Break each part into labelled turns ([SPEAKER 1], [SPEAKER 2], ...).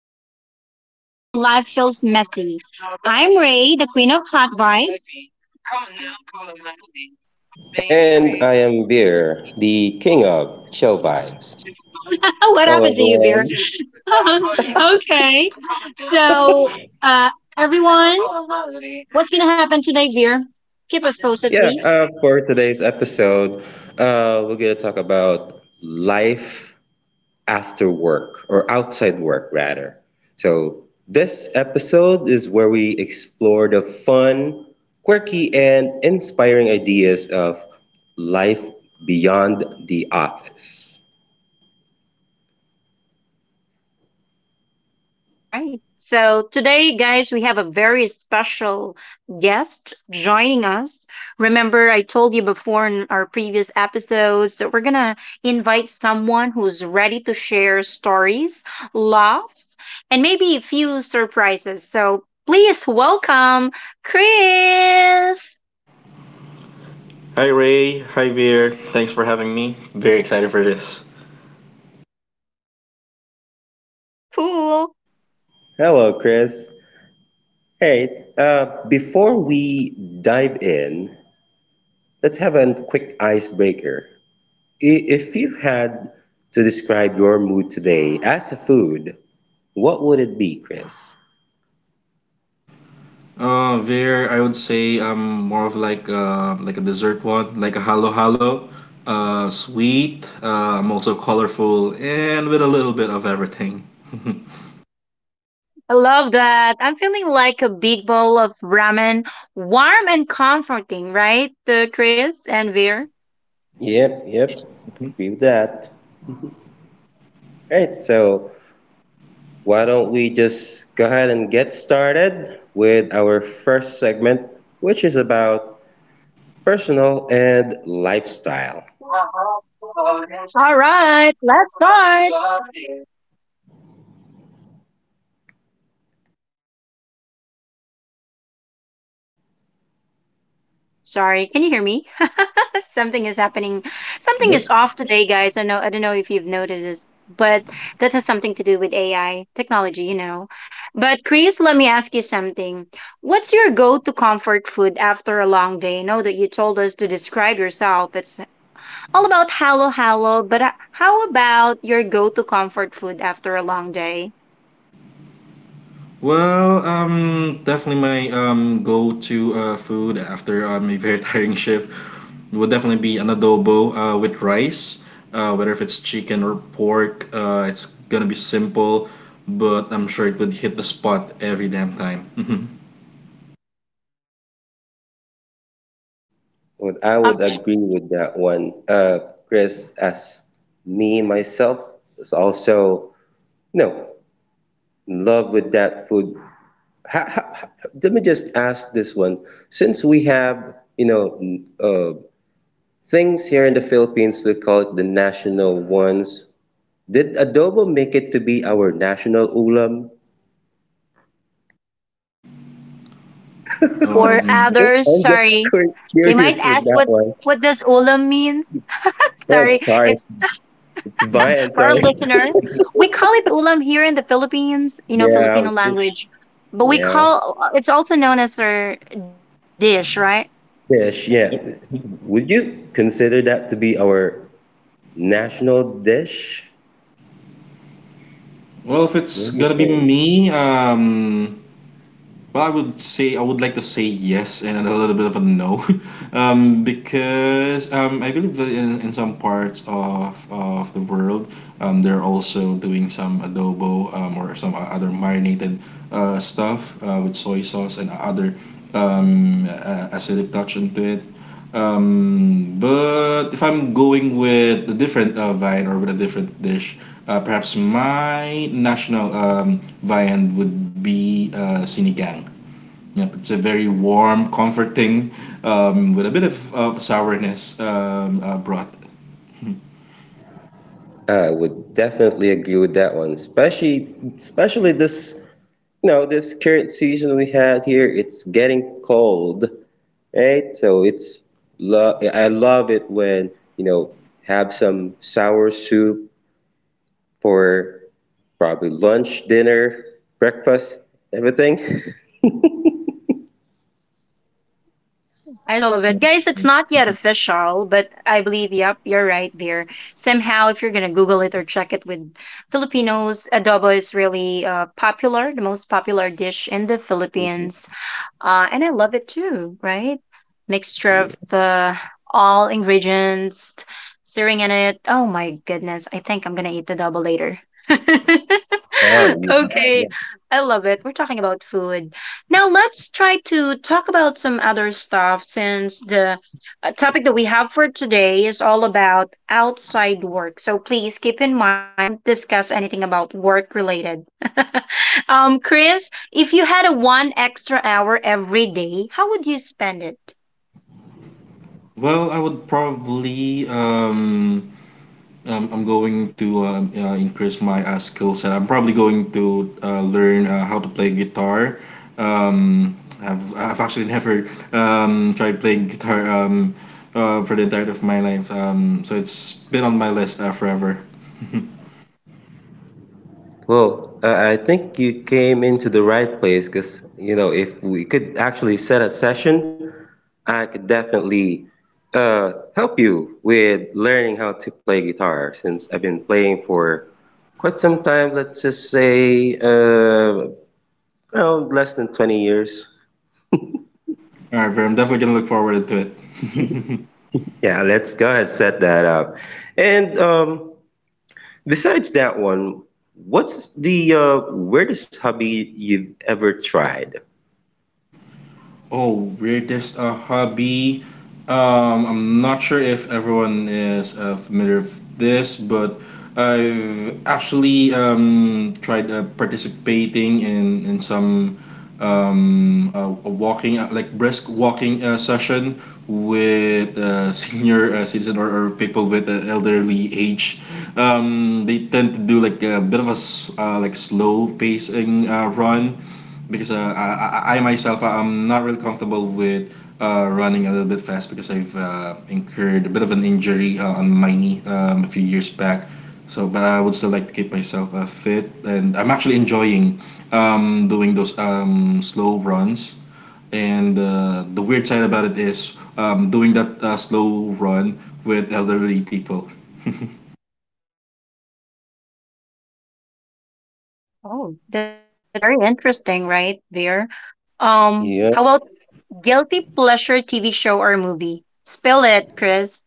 [SPEAKER 1] moves even when life feels messy. I'm Ray, the queen of hot vibes.
[SPEAKER 2] And I am Beer, the king of chill vibes.
[SPEAKER 1] What
[SPEAKER 2] Hello,
[SPEAKER 1] happened to you, Beer?
[SPEAKER 2] everyone.
[SPEAKER 1] Okay. So, uh, Everyone, what's going to happen today, Beer? Keep us posted,
[SPEAKER 2] Yeah,
[SPEAKER 1] please.
[SPEAKER 2] for today's episode, we're going to talk about life after work, or outside work, rather. So, this episode is where we explore the fun, quirky, and inspiring ideas of life beyond the office.
[SPEAKER 1] All right. So today, guys, we have a very special guest joining us. Remember, I told you before in our previous episodes that we're going to invite someone who's ready to share stories, laughs, and maybe a few surprises. So please welcome Chris.
[SPEAKER 3] Hi Ray, hi Veer. Thanks for having me. Very excited for this.
[SPEAKER 1] Cool.
[SPEAKER 2] Hello, Chris. Hey, before we dive in. Let's have a quick icebreaker. If you had to describe your mood today as a food, what would it be, Chris?
[SPEAKER 3] Veer, I would say I'm more of like a dessert one, like a halo halo, sweet. I'm also colorful and with a little bit of everything.
[SPEAKER 1] I love that. I'm feeling like a big bowl of ramen, warm and comforting, right, Chris and Veer?
[SPEAKER 2] Yep, yep. Agree with that. All right, so why don't we just go ahead and get started with our first segment, which is about personal and lifestyle.
[SPEAKER 1] All right, let's start. Sorry, can you hear me? Something is happening. Something is
[SPEAKER 3] Yep.
[SPEAKER 1] off today, guys. I know I don't know if you've noticed this, but that has something to do with AI technology, you know. But Chris, let me ask you something. What's your go-to comfort food after a long day? I know that you told us to describe yourself. It's all about hello, hello, but how about your go-to comfort food after a long day?
[SPEAKER 3] Definitely my go-to food after a very tiring shift would definitely be an adobo with rice. Whether if it's chicken or pork, it's gonna be simple, but I'm sure it would hit the spot every damn time.
[SPEAKER 2] Would I would agree with that one, Chris, as me myself is also, you know, in love with that food ha- ha- let me just ask this one. Since we have, you know, uh, things here in the Philippines, we call it the national ones. Did adobo make it to be our national ulam?
[SPEAKER 1] For
[SPEAKER 3] um,
[SPEAKER 2] Just,
[SPEAKER 1] others,
[SPEAKER 2] I'm just
[SPEAKER 1] sorry. They might
[SPEAKER 2] curious with
[SPEAKER 1] ask
[SPEAKER 2] that
[SPEAKER 1] what
[SPEAKER 2] one.
[SPEAKER 1] what does ulam means? Sorry,
[SPEAKER 2] Oh, sorry,
[SPEAKER 1] it's
[SPEAKER 2] it's
[SPEAKER 3] mhm.
[SPEAKER 2] Vian.
[SPEAKER 1] for our
[SPEAKER 2] Sorry.
[SPEAKER 1] listener. We call it ulam here in the Philippines, you know,
[SPEAKER 2] Yeah,
[SPEAKER 1] Filipino
[SPEAKER 2] we cook-
[SPEAKER 1] language. But we
[SPEAKER 2] yeah,
[SPEAKER 1] call it's also known as our dish, right?
[SPEAKER 2] fish. Yeah, would you consider that to be our national dish?
[SPEAKER 3] Well, if it's
[SPEAKER 2] Let me
[SPEAKER 3] gonna be
[SPEAKER 2] think.
[SPEAKER 3] me, Well, I would say I would like to say yes and a little bit of a no, because I believe that in some parts of the world, they're also doing some adobo or some other marinated stuff with soy sauce and other acidic touch into it. But if I'm going with a different vine or with a different dish, perhaps my national viand would be sinigang. Yep, it's a very warm, comforting, with a bit of sourness brought.
[SPEAKER 2] I would definitely agree with that one, especially this, you know, this current season we had here. It's getting cold, right? So I love it when, you know, have some sour soup for probably lunch, dinner, breakfast, everything.
[SPEAKER 1] I so love
[SPEAKER 3] Yeah.
[SPEAKER 1] it. Guys, it's not yet official, but I believe, yep, you're right there. Somehow, if you're going to Google it or check it with Filipinos, adobo is really popular, the most popular dish in the Philippines. And I love it too, right?
[SPEAKER 2] Yeah.
[SPEAKER 1] Mixture of the all ingredients, stirring in it. Oh my goodness, I think I'm gonna eat the double later.
[SPEAKER 2] Oh, you,
[SPEAKER 1] Okay, I love it. We're talking about food. Now let's try to talk about some other stuff since the topic that we have for today is all about outside work. So please keep in mind, don't discuss anything about work related. Chris, if you had a one extra hour every day, how would you spend it?
[SPEAKER 3] I would probably I'm going to increase my skill set. I'm probably going to learn how to play guitar. Um, I've actually never tried playing guitar for the entirety of my life. So it's been on my list forever.
[SPEAKER 2] Well, I think you came into the right place because, you know, if we could actually set a session, I could definitely help you with learning how to play guitar since I've been playing for quite some time, let's just say around less than 20 years.
[SPEAKER 3] All right, I'm definitely gonna look forward to it.
[SPEAKER 2] Yeah, let's go ahead set that up. And besides that one, what's the weirdest hobby you've ever tried?
[SPEAKER 3] Oh, weirdest hobby. I'm not sure if everyone is familiar with this, but I've actually tried participating in some a walking like brisk walking session with senior citizen or people with elderly age. They tend to do like a bit of a like slow pacing run because I myself I'm not really comfortable with running a little bit fast because I've incurred a bit of an injury on my knee a few years back. So, but I would still like to keep myself fit, and I'm actually enjoying doing those slow runs. And the weird side about it is doing that slow run with elderly people.
[SPEAKER 1] Oh, that's very interesting, right there. How
[SPEAKER 2] Yeah,
[SPEAKER 1] about guilty pleasure TV show or movie? Spill it, Chris.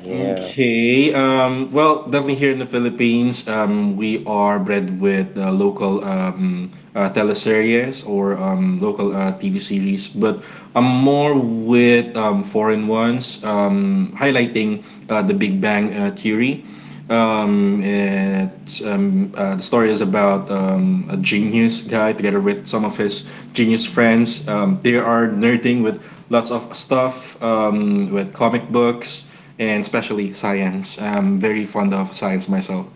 [SPEAKER 2] yeah.
[SPEAKER 3] Okay. Well, definitely here in the Philippines, we are bred with local teleseries or local TV series, but I'm more with foreign ones, highlighting the Big Bang Theory. The story is about a genius guy together with some of his genius friends. They are nerding with lots of stuff, with comic books and especially science. I'm very fond of science myself.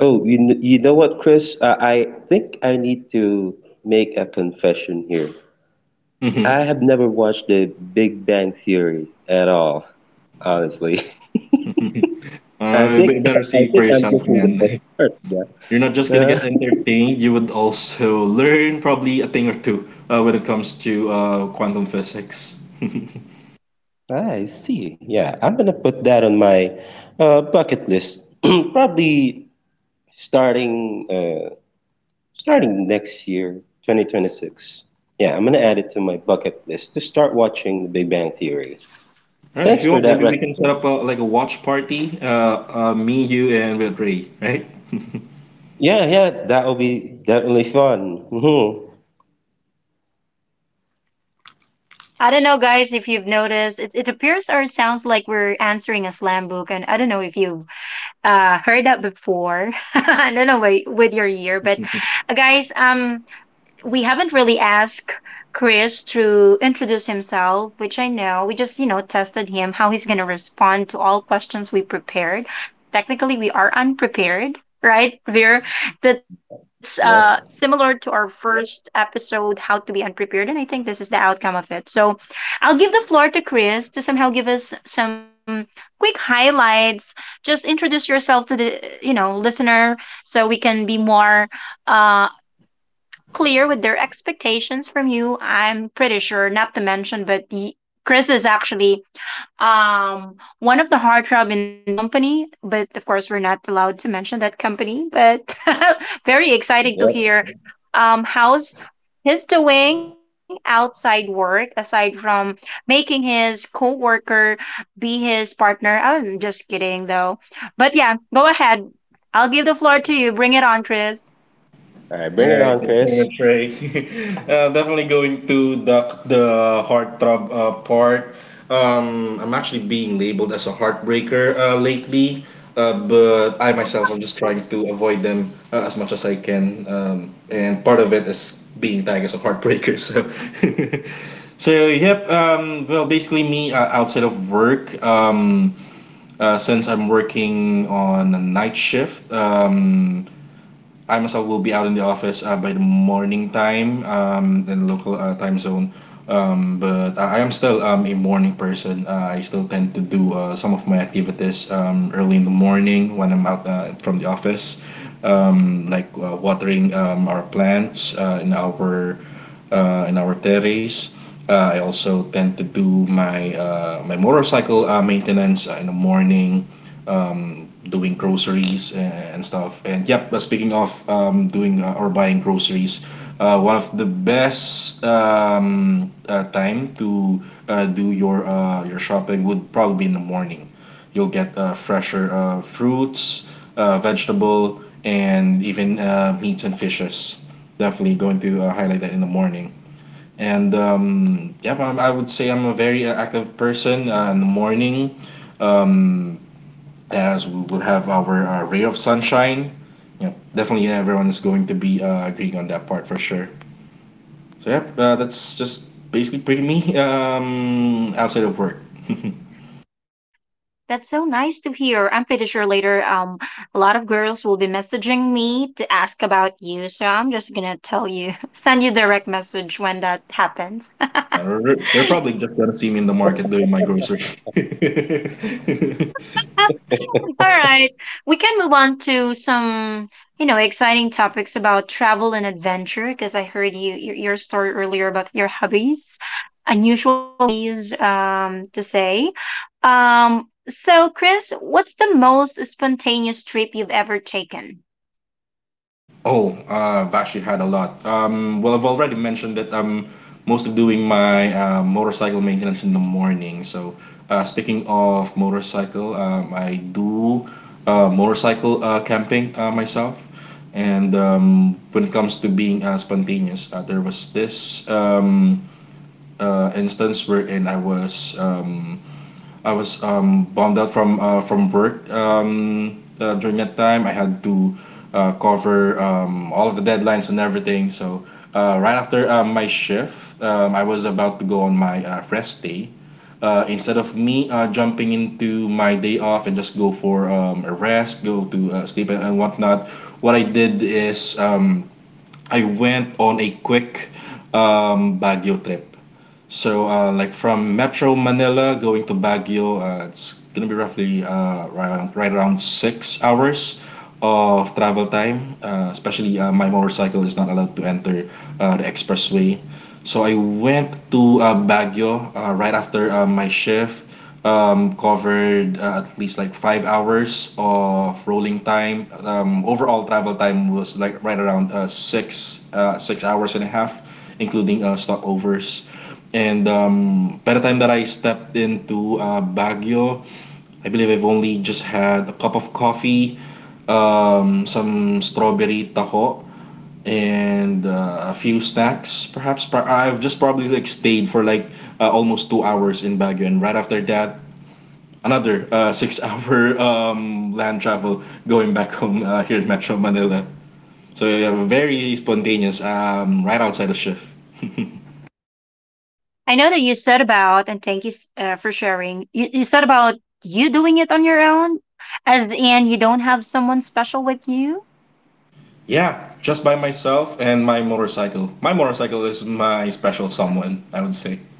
[SPEAKER 2] Oh, you know what, Chris? I think I need to make a confession here. I have never watched The Big Bang Theory at all, honestly. I think
[SPEAKER 3] But you better
[SPEAKER 2] I
[SPEAKER 3] see for
[SPEAKER 2] think I'm
[SPEAKER 3] yourself,
[SPEAKER 2] missing the best
[SPEAKER 3] man.
[SPEAKER 2] part.
[SPEAKER 3] You're not just
[SPEAKER 2] Yeah.
[SPEAKER 3] gonna get entertained. You would also learn probably a thing or two when it comes to quantum physics. All
[SPEAKER 2] I see. Yeah, I'm gonna put that on my bucket list. Probably starting uh, starting next year, 2026. Yeah, I'm gonna add it to my bucket list to start watching The Big Bang Theory.
[SPEAKER 3] right, if
[SPEAKER 2] Thanks
[SPEAKER 3] you
[SPEAKER 2] for
[SPEAKER 3] want,
[SPEAKER 2] that
[SPEAKER 3] maybe we can set up a,
[SPEAKER 2] recommendation.
[SPEAKER 3] like a watch party. Me, you, and with Ray, right?
[SPEAKER 2] Yeah, yeah, that will be definitely fun.
[SPEAKER 1] I don't know, guys, if you've noticed, it appears or it sounds like we're answering a slam book, and I don't know if you've heard that before. I don't know wi- with your year, but guys, we haven't really asked Chris to introduce himself, which I know we just, you know, tested him how he's going to respond to all questions we prepared. Technically, we are unprepared, right? we that's similar to
[SPEAKER 2] Yep,
[SPEAKER 1] our first episode, How to Be Unprepared, and I think this is the outcome of it. So, I'll give the floor to Chris to somehow give us some quick highlights. Just introduce yourself to the, you know, listener so we can be more uh clear with their expectations from you. I'm pretty sure, not to mention, but the Chris is actually um one of the heartthrob in their company, but of course we're not allowed to mention that company. But very exciting
[SPEAKER 2] yep.
[SPEAKER 1] to
[SPEAKER 2] All
[SPEAKER 1] hear how's he's doing outside work aside from making his co-worker be his partner. I'm just kidding though. But yeah, go ahead. I'll give the floor to you. Bring it on, Chris.
[SPEAKER 2] right, bring
[SPEAKER 3] All
[SPEAKER 2] it
[SPEAKER 3] right,
[SPEAKER 2] on,
[SPEAKER 3] thanks so
[SPEAKER 2] Chris.
[SPEAKER 3] much, Ray. Definitely going to the heartthrob part. I'm actually being labeled as a heartbreaker lately, but I myself I'm just trying to avoid them as much as I can. And part of it is being tagged as a heartbreaker. So, so yep. Well, basically me outside of work. Since I'm working on a night shift. I myself will be out in the office by the morning time in local time zone. But I am still a morning person. I still tend to do some of my activities early in the morning when I'm out from the office, like watering our plants in our terrace. I also tend to do my motorcycle maintenance in the morning, doing groceries and stuff. And yep, speaking of doing or buying groceries, one of the best time to do your shopping would probably be in the morning. You'll get fresher fruits, vegetable, and even meats and fishes. Definitely going to highlight that in the morning. And Yeah, I would say I'm a very active person in the morning, um, as we will have our ray of sunshine. Yeah, definitely everyone is going to be agreeing on that part for sure. So yeah, that's just basically pretty me outside of work.
[SPEAKER 1] That's so nice to hear. I'm pretty sure later, a lot of girls will be messaging me to ask about you. So I'm just gonna tell you, send you direct message when that happens. All
[SPEAKER 3] They're probably just gonna see me in the market doing my grocery.
[SPEAKER 1] right, we can move on to some, you know, exciting topics about travel and adventure. Because I heard you your story earlier about your hobbies, unusual hobbies, to say. So Chris, what's the most spontaneous trip you've ever taken?
[SPEAKER 3] Oh, I've actually had a lot. Well, I've already mentioned that I'm mostly doing my motorcycle maintenance in the morning. So, speaking of motorcycle, I do motorcycle camping myself. And when it comes to being spontaneous, there was this instance wherein I was bummed out from work during that time. I had to cover all of the deadlines and everything. So right after my shift, I was about to go on my rest day. Instead of me jumping into my day off and just go for a rest, go to sleep and whatnot, what I did is I went on a quick Baguio trip. So, like from Metro Manila going to Baguio, it's gonna be right around 6 hours of travel time. Especially My motorcycle is not allowed to enter the expressway. So I went to Baguio right after my shift. Covered at least like 5 hours of rolling time. Overall travel time was right around 6 hours and a half, including stopovers. And by the time that I stepped into Baguio, I believe I've only just had a cup of coffee, some strawberry taho, and a few snacks. I've just probably like stayed for almost 2 hours in Baguio, and right after that, another six-hour land travel going back home here in Metro Manila. So yeah, very spontaneous, right outside the shift.
[SPEAKER 1] I know that you said about, and thank you for sharing, you said about you doing it on your own, as in you don't have someone special with you.
[SPEAKER 3] Yeah, just by myself and my motorcycle. My motorcycle is my special someone, I would say.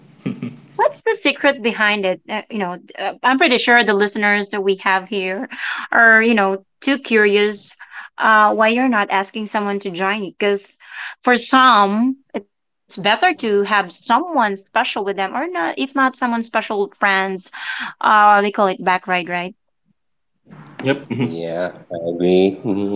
[SPEAKER 1] What's the secret behind it? You know, I'm pretty sure the listeners that we have here are, you know, too curious why you're not asking someone to join you. Because for some, it's better to have someone special with them, or not, if not someone special, friends. They call it back ride, right?
[SPEAKER 3] yep. mhm.
[SPEAKER 2] Yeah, I agree.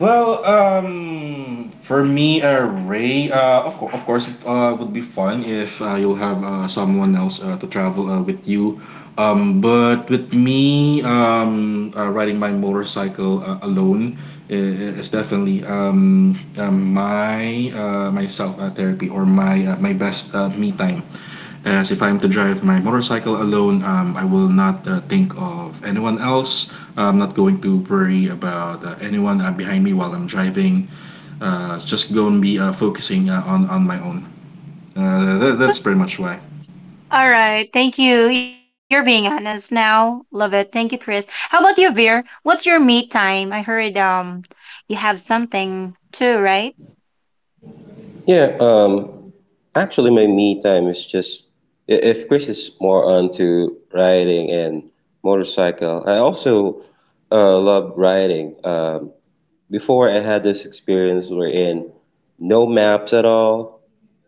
[SPEAKER 3] For me, Ray, of course, it would be fun if you'll have someone else to travel with you. But with me, riding my motorcycle alone is definitely my myself therapy or my best me time. As if I'm to drive my motorcycle alone, I will not think of anyone else. I'm not going to worry about anyone behind me while I'm driving. Just going to be focusing on my own. That's pretty much why.
[SPEAKER 1] All right. Thank you. You're being honest now. Love it. Thank you, Chris. How about you, Veer? What's your me time? I heard you have something too, right?
[SPEAKER 2] Yeah, actually, my me time is just if Chris is more onto riding and motorcycle. I also love riding. Before I had this experience wherein no maps at all,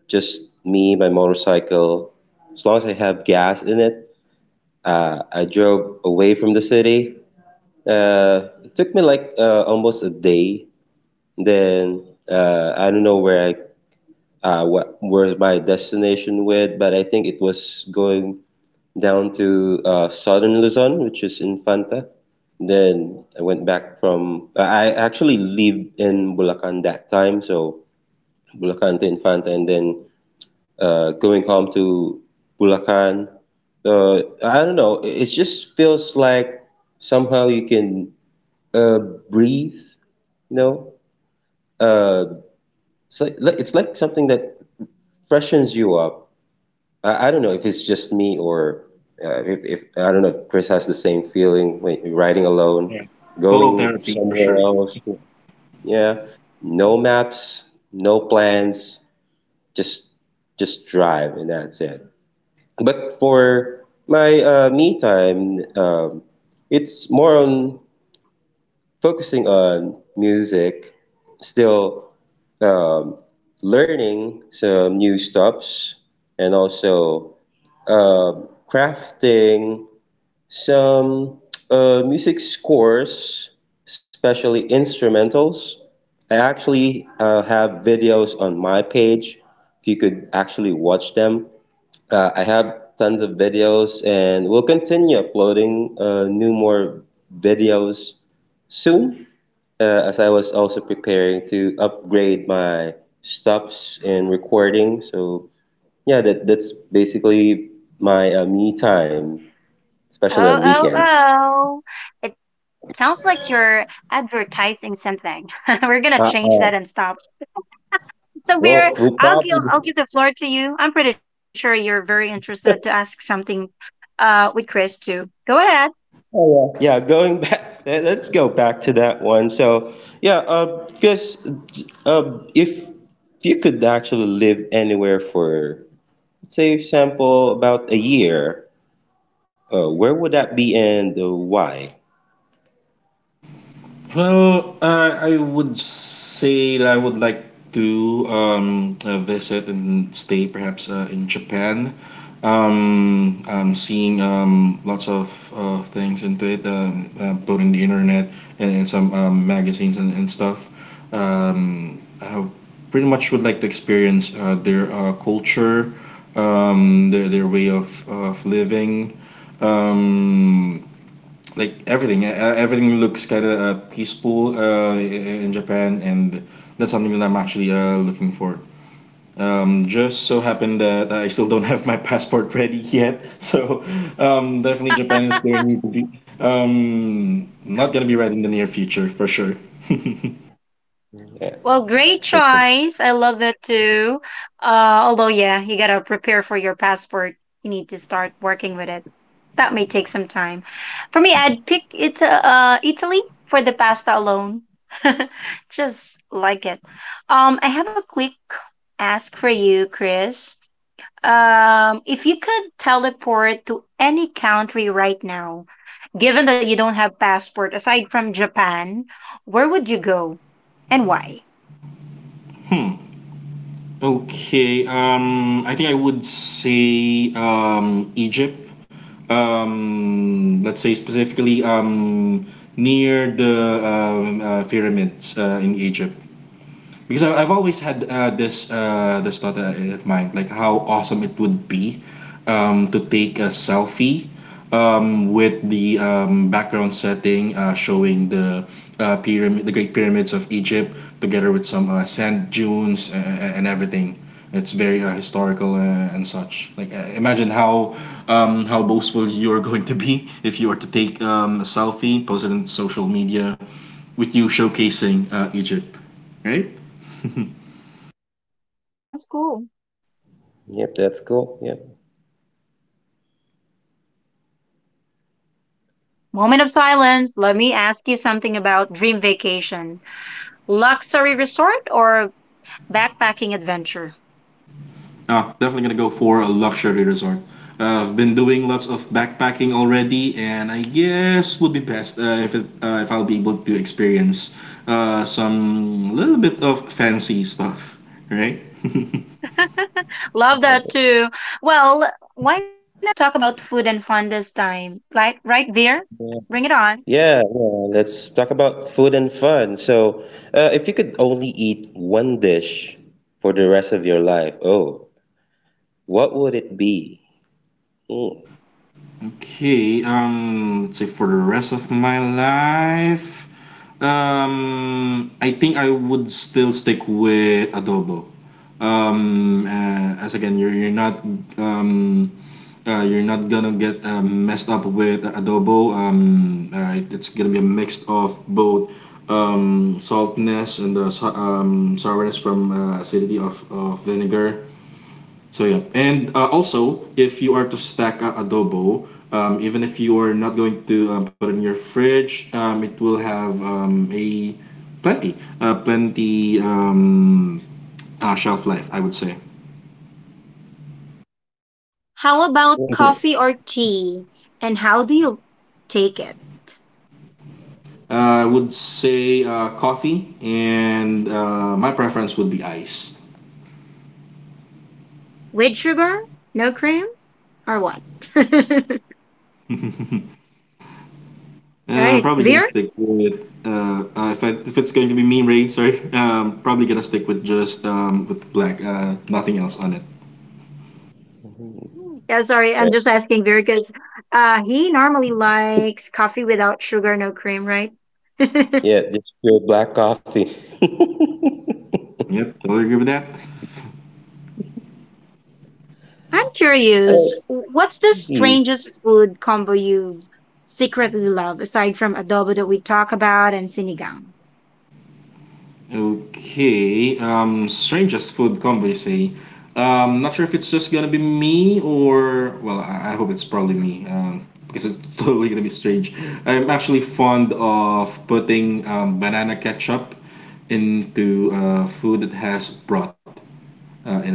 [SPEAKER 2] just me, my motorcycle. As long as I have gas in it, I drove away from the city. It took me like almost a day. Then I don't know where I what where my destination went, but I think it was going down to southern Luzon, which is Infanta. Then I went back from, I actually lived in Bulacan that time, so Bulacan to Infanta, and then going home to Bulacan. I don't know. It just feels like somehow you can uh, breathe, you know, uh, so it's like something that freshens you up. I don't know if it's just me or if I don't know if Chris has the same feeling when you're riding alone,
[SPEAKER 3] Yeah. Total
[SPEAKER 2] going
[SPEAKER 3] therapy for
[SPEAKER 2] somewhere
[SPEAKER 3] sure.
[SPEAKER 2] else. Yeah, no maps, no plans, just just drive and that's it. But for my me time, it's more on focusing on music still, um, learning some new stuffs and also crafting some music scores, especially instrumentals. I actually have videos on my page. If you could actually watch them, I have tons of videos, and we'll continue uploading new more videos soon, as I was also preparing to upgrade my stops in recording. So yeah, that's basically my me time, especially on
[SPEAKER 1] Oh, oh,
[SPEAKER 2] weekends.
[SPEAKER 1] oh. It sounds like you're advertising something. We're gonna change
[SPEAKER 2] Uh,
[SPEAKER 1] that and
[SPEAKER 2] uh,
[SPEAKER 1] stop. So, Veer,
[SPEAKER 2] well, we'll
[SPEAKER 1] I'll give the
[SPEAKER 2] probably
[SPEAKER 1] floor to you. I'm pretty sure you're very interested to ask something with Chris too. Go ahead.
[SPEAKER 2] Yeah. Going back, let's go back to that one. So yeah, because if you could actually live anywhere for, say, for example, about a year, where would that be and why?
[SPEAKER 3] I would say that I would like to visit and stay perhaps in Japan. I'm seeing lots of things into it, put in the internet and in some magazines and stuff. I pretty much would like to experience their culture, their way of living, um, like everything. Everything looks kind of peaceful in Japan, and that's something that I'm actually looking for. Just so happened that I still don't have my passport ready yet, so definitely Japan is going to be not gonna be ready in the near future for sure.
[SPEAKER 2] Yeah,
[SPEAKER 1] Well, great
[SPEAKER 2] that's,
[SPEAKER 1] choice. I love that too. Although, yeah, you gotta prepare for your passport. You need to start working with it. That may take some time. For me, I'd pick it, Italy for the pasta alone. Just like it. I have a quick ask for you, Chris. If you could teleport to any country right now, given that you don't have passport aside from Japan, where would you go and why?
[SPEAKER 3] Hmm. Okay. I think I would say Egypt. Let's say specifically near the pyramids in Egypt. Because I've always had uh, this thought in mind, like how awesome it would be to take a selfie with the background setting showing the pyramid, the Great Pyramids of Egypt, together with some sand dunes and everything. It's very historical and such. Like imagine how boastful you are going to be if you are to take a selfie, post it on social media, with you showcasing Egypt, right?
[SPEAKER 1] Sounds cool.
[SPEAKER 2] yep, that's cool. Yeah.
[SPEAKER 1] Moment of silence. Let me ask you something about dream vacation. Luxury resort or backpacking adventure?
[SPEAKER 3] Ah, definitely gonna go for a luxury resort. I've been doing lots of backpacking already, and I guess would be best if if I'll be able to experience some little bit of fancy stuff, right?
[SPEAKER 1] Love that too. Well, why not talk about food and fun this time? Like right there? Bring it on.
[SPEAKER 2] Yeah, yeah, let's talk about food and fun. So, if you could only eat one dish for the rest of your life, oh, what would it be? Mm.
[SPEAKER 3] Okay, let's say for the rest of my life, I think I would still stick with adobo. As again, you're not um, you're not gonna get messed up with adobo. It's gonna be a mix of both saltness and the sourness from acidity of vinegar, so yeah, and also if you are to stack adobo, even if you are not going to put it in your fridge, it will have a plenty shelf life, I would say.
[SPEAKER 1] How about
[SPEAKER 3] Uh,
[SPEAKER 1] coffee or tea? And how do you take it?
[SPEAKER 3] I would say coffee, and my preference would be ice.
[SPEAKER 1] With sugar? No cream? Or what? All
[SPEAKER 3] I'm
[SPEAKER 1] right.
[SPEAKER 3] probably gonna
[SPEAKER 1] Veer,
[SPEAKER 3] stick with if it's going to be me, Ray. Sorry. Probably gonna stick with just with black, nothing else on it.
[SPEAKER 1] yeah, sorry. I'm just
[SPEAKER 2] Right.
[SPEAKER 1] asking Vir because he normally likes coffee without sugar, no cream, right? I'm
[SPEAKER 2] Yeah, just pure black coffee.
[SPEAKER 3] Yep, totally agree with that.
[SPEAKER 1] curious.
[SPEAKER 2] Oh,
[SPEAKER 1] What's the
[SPEAKER 2] mm.
[SPEAKER 1] strangest food combo you secretly love aside from adobo that we talk about and sinigang?
[SPEAKER 3] Okay, strangest food combination. Not sure if it's just gonna be me or well, I hope it's probably me. Because it's totally gonna be strange. I'm actually fond of putting banana ketchup into food that has broth in it.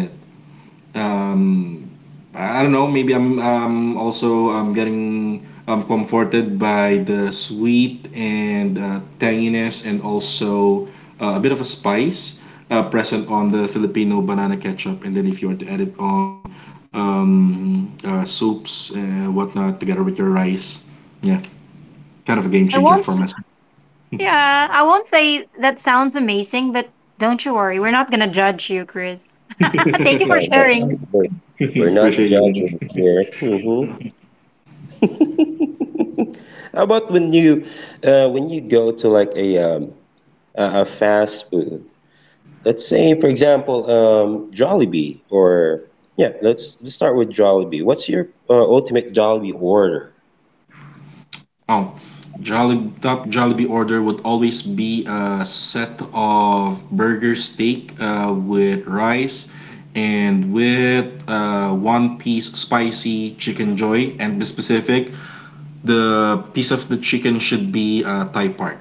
[SPEAKER 3] Um, I don't know. Maybe I'm also getting comforted by the sweet and tanginess and also a bit of a spice present on the Filipino banana ketchup. And then if you want to add it on soups and whatnot together with your rice, yeah, kind of a game
[SPEAKER 1] I
[SPEAKER 3] changer
[SPEAKER 1] won't.
[SPEAKER 3] for
[SPEAKER 1] S-
[SPEAKER 3] myself.
[SPEAKER 1] Yeah, I won't say that sounds amazing, but don't you worry. We're not gonna judge you, Chris. Thank you for
[SPEAKER 2] Oh,
[SPEAKER 1] sharing.
[SPEAKER 2] we're, we're not
[SPEAKER 3] Appreciate
[SPEAKER 2] judging
[SPEAKER 3] your.
[SPEAKER 2] here. How about when you go to like a fast food? Let's say, for example, Jollibee, or yeah, let's start with Jollibee. What's your ultimate Jollibee order?
[SPEAKER 3] Oh, top Jollibee order would always be a set of burger steak with rice and with one piece spicy chicken joy. And be specific, the piece of the chicken should be Thai part.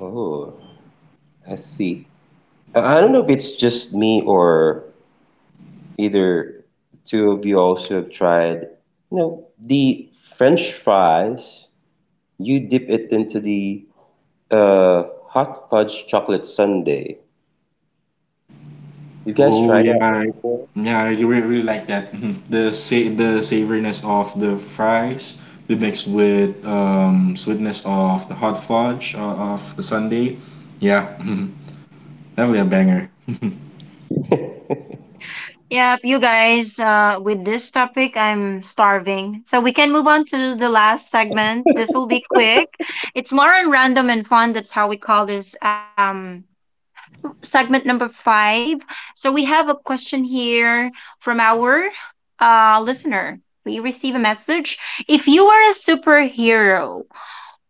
[SPEAKER 2] Oh, I see. I don't know if it's just me or either two of you also have tried. You know, the French fries, you dip it into the hot fudge chocolate sundae. You guys
[SPEAKER 3] Oh
[SPEAKER 2] tried that
[SPEAKER 3] yeah,
[SPEAKER 2] one before?
[SPEAKER 3] yeah, I really, really like that. Mhm. The the savoriness of the fries be mixed with sweetness of the hot fudge of the sundae. Yeah. That'll be a banger.
[SPEAKER 1] Yep, you guys, with this topic, I'm starving. So we can move on to the last segment. This will be quick. It's more on random and fun. That's how we call this segment number five. So we have a question here from our listener. We receive a message. If you were a superhero,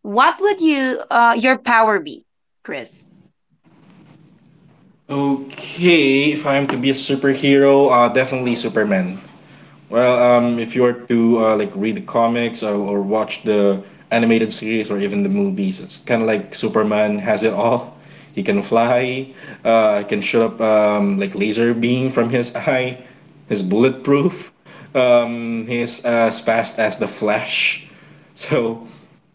[SPEAKER 1] what would your power be, Chris?
[SPEAKER 3] Okay, if I'm to be a superhero, definitely Superman. Well, if you were to like read the comics, or watch the animated series or even the movies, it's kind of like Superman has it all. He can fly. He can shoot up like laser beam from his eye. He's bulletproof. He's as fast as the Flash. So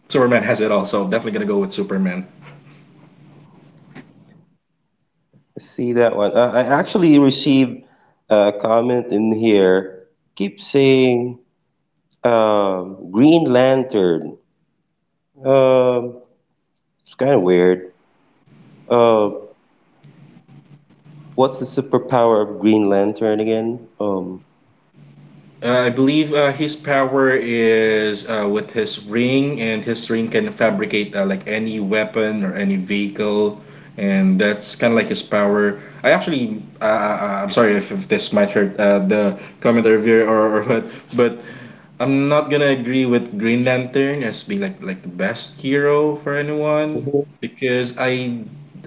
[SPEAKER 3] Superman has it all. So definitely gonna go with Superman.
[SPEAKER 2] See that one. I actually received a comment in here. Keep saying Green Lantern. Um, it's kind of weird. Uh, what's the superpower of Green Lantern again?
[SPEAKER 3] I believe his power is with his ring, and his ring can fabricate like any weapon or any vehicle, and that's kind of like his power. I actually, I'm sorry if this might hurt the commenter viewer, or what, but I'm not gonna agree with Green Lantern as being like the best hero for anyone because I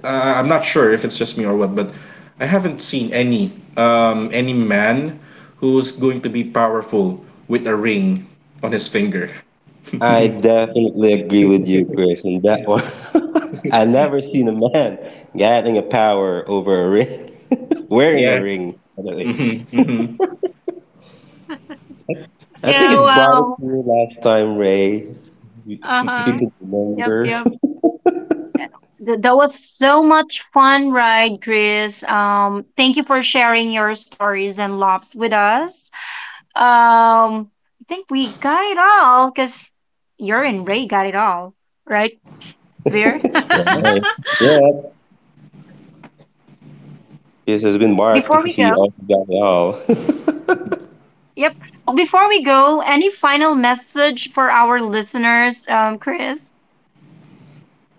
[SPEAKER 3] uh, I'm not sure if it's just me or what, but I haven't seen any man who's going to be powerful with a ring on his finger.
[SPEAKER 2] I definitely agree with you, Chris, on that one. I never seen a man getting a power over a ring, wearing a ring,
[SPEAKER 3] Yes.
[SPEAKER 2] by the way.
[SPEAKER 3] Hmm. Hmm.
[SPEAKER 2] I think
[SPEAKER 1] Yeah,
[SPEAKER 2] it brought it
[SPEAKER 1] wow.
[SPEAKER 2] to you last time, Ray. You
[SPEAKER 1] Uh
[SPEAKER 2] you
[SPEAKER 1] huh.
[SPEAKER 2] could
[SPEAKER 1] Yep,
[SPEAKER 2] remember.
[SPEAKER 1] yep. That was so much fun ride, Chris. Thank you for sharing your stories and loves with us. Um, I think we got it all because you're and Ray got it all, right, Veer?
[SPEAKER 2] Right. Yep. This has been
[SPEAKER 1] before
[SPEAKER 2] Mark.
[SPEAKER 1] we go,
[SPEAKER 2] He also got it all.
[SPEAKER 1] yep. Well, before we go, any final message for our listeners, Chris?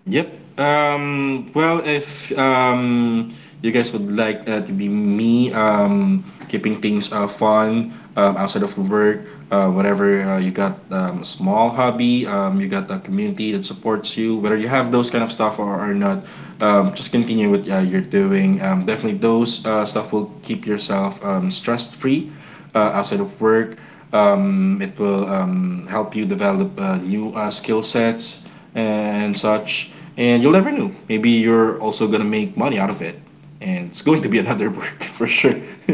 [SPEAKER 3] Yep. Well, if you guys would like to be me, keeping things fun outside of work, whatever you got, a small hobby, you got a community that supports you, whether you have those kind of stuff or not, just continue with you're doing. Definitely, those stuff will keep yourself stress free outside of work. It will help you develop new skill sets and such. And you'll never know. Maybe you're also gonna make money out of it, and it's going to be another work for sure.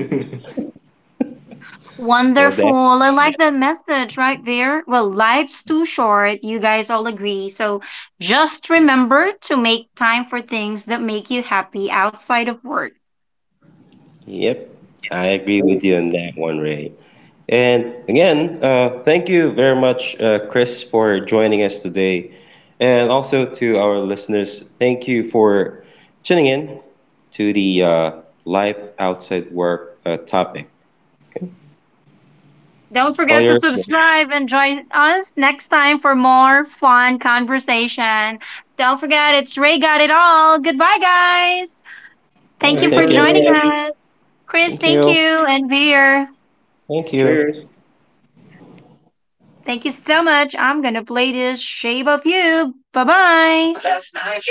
[SPEAKER 2] Well, that,
[SPEAKER 1] Wonderful. I like that message right there. Well, life's too short. You guys all agree. So just remember to make time for things that make you happy outside of work.
[SPEAKER 2] yep, I agree
[SPEAKER 3] Oh.
[SPEAKER 2] with you on that one, Ray. And again, thank you very much, Chris, for joining us today. And also to our listeners, thank you for tuning in to the Life Outside Work topic. Okay.
[SPEAKER 1] Don't
[SPEAKER 2] All,
[SPEAKER 1] forget to
[SPEAKER 2] your,
[SPEAKER 1] subscribe and join us next time for more fun conversation. Don't forget, it's Ray Got It All. Goodbye, guys.
[SPEAKER 2] all
[SPEAKER 1] Thank
[SPEAKER 2] right,
[SPEAKER 1] you
[SPEAKER 3] Thanks,
[SPEAKER 1] for
[SPEAKER 2] thank you,
[SPEAKER 1] joining
[SPEAKER 2] everyone.
[SPEAKER 3] everyone.
[SPEAKER 1] us. Chris,
[SPEAKER 2] Thank
[SPEAKER 1] thank
[SPEAKER 2] you.
[SPEAKER 1] you. And Veer.
[SPEAKER 2] Thank you.
[SPEAKER 3] Cheers.
[SPEAKER 1] Thank you so much. I'm gonna play this Shape of You. Bye bye.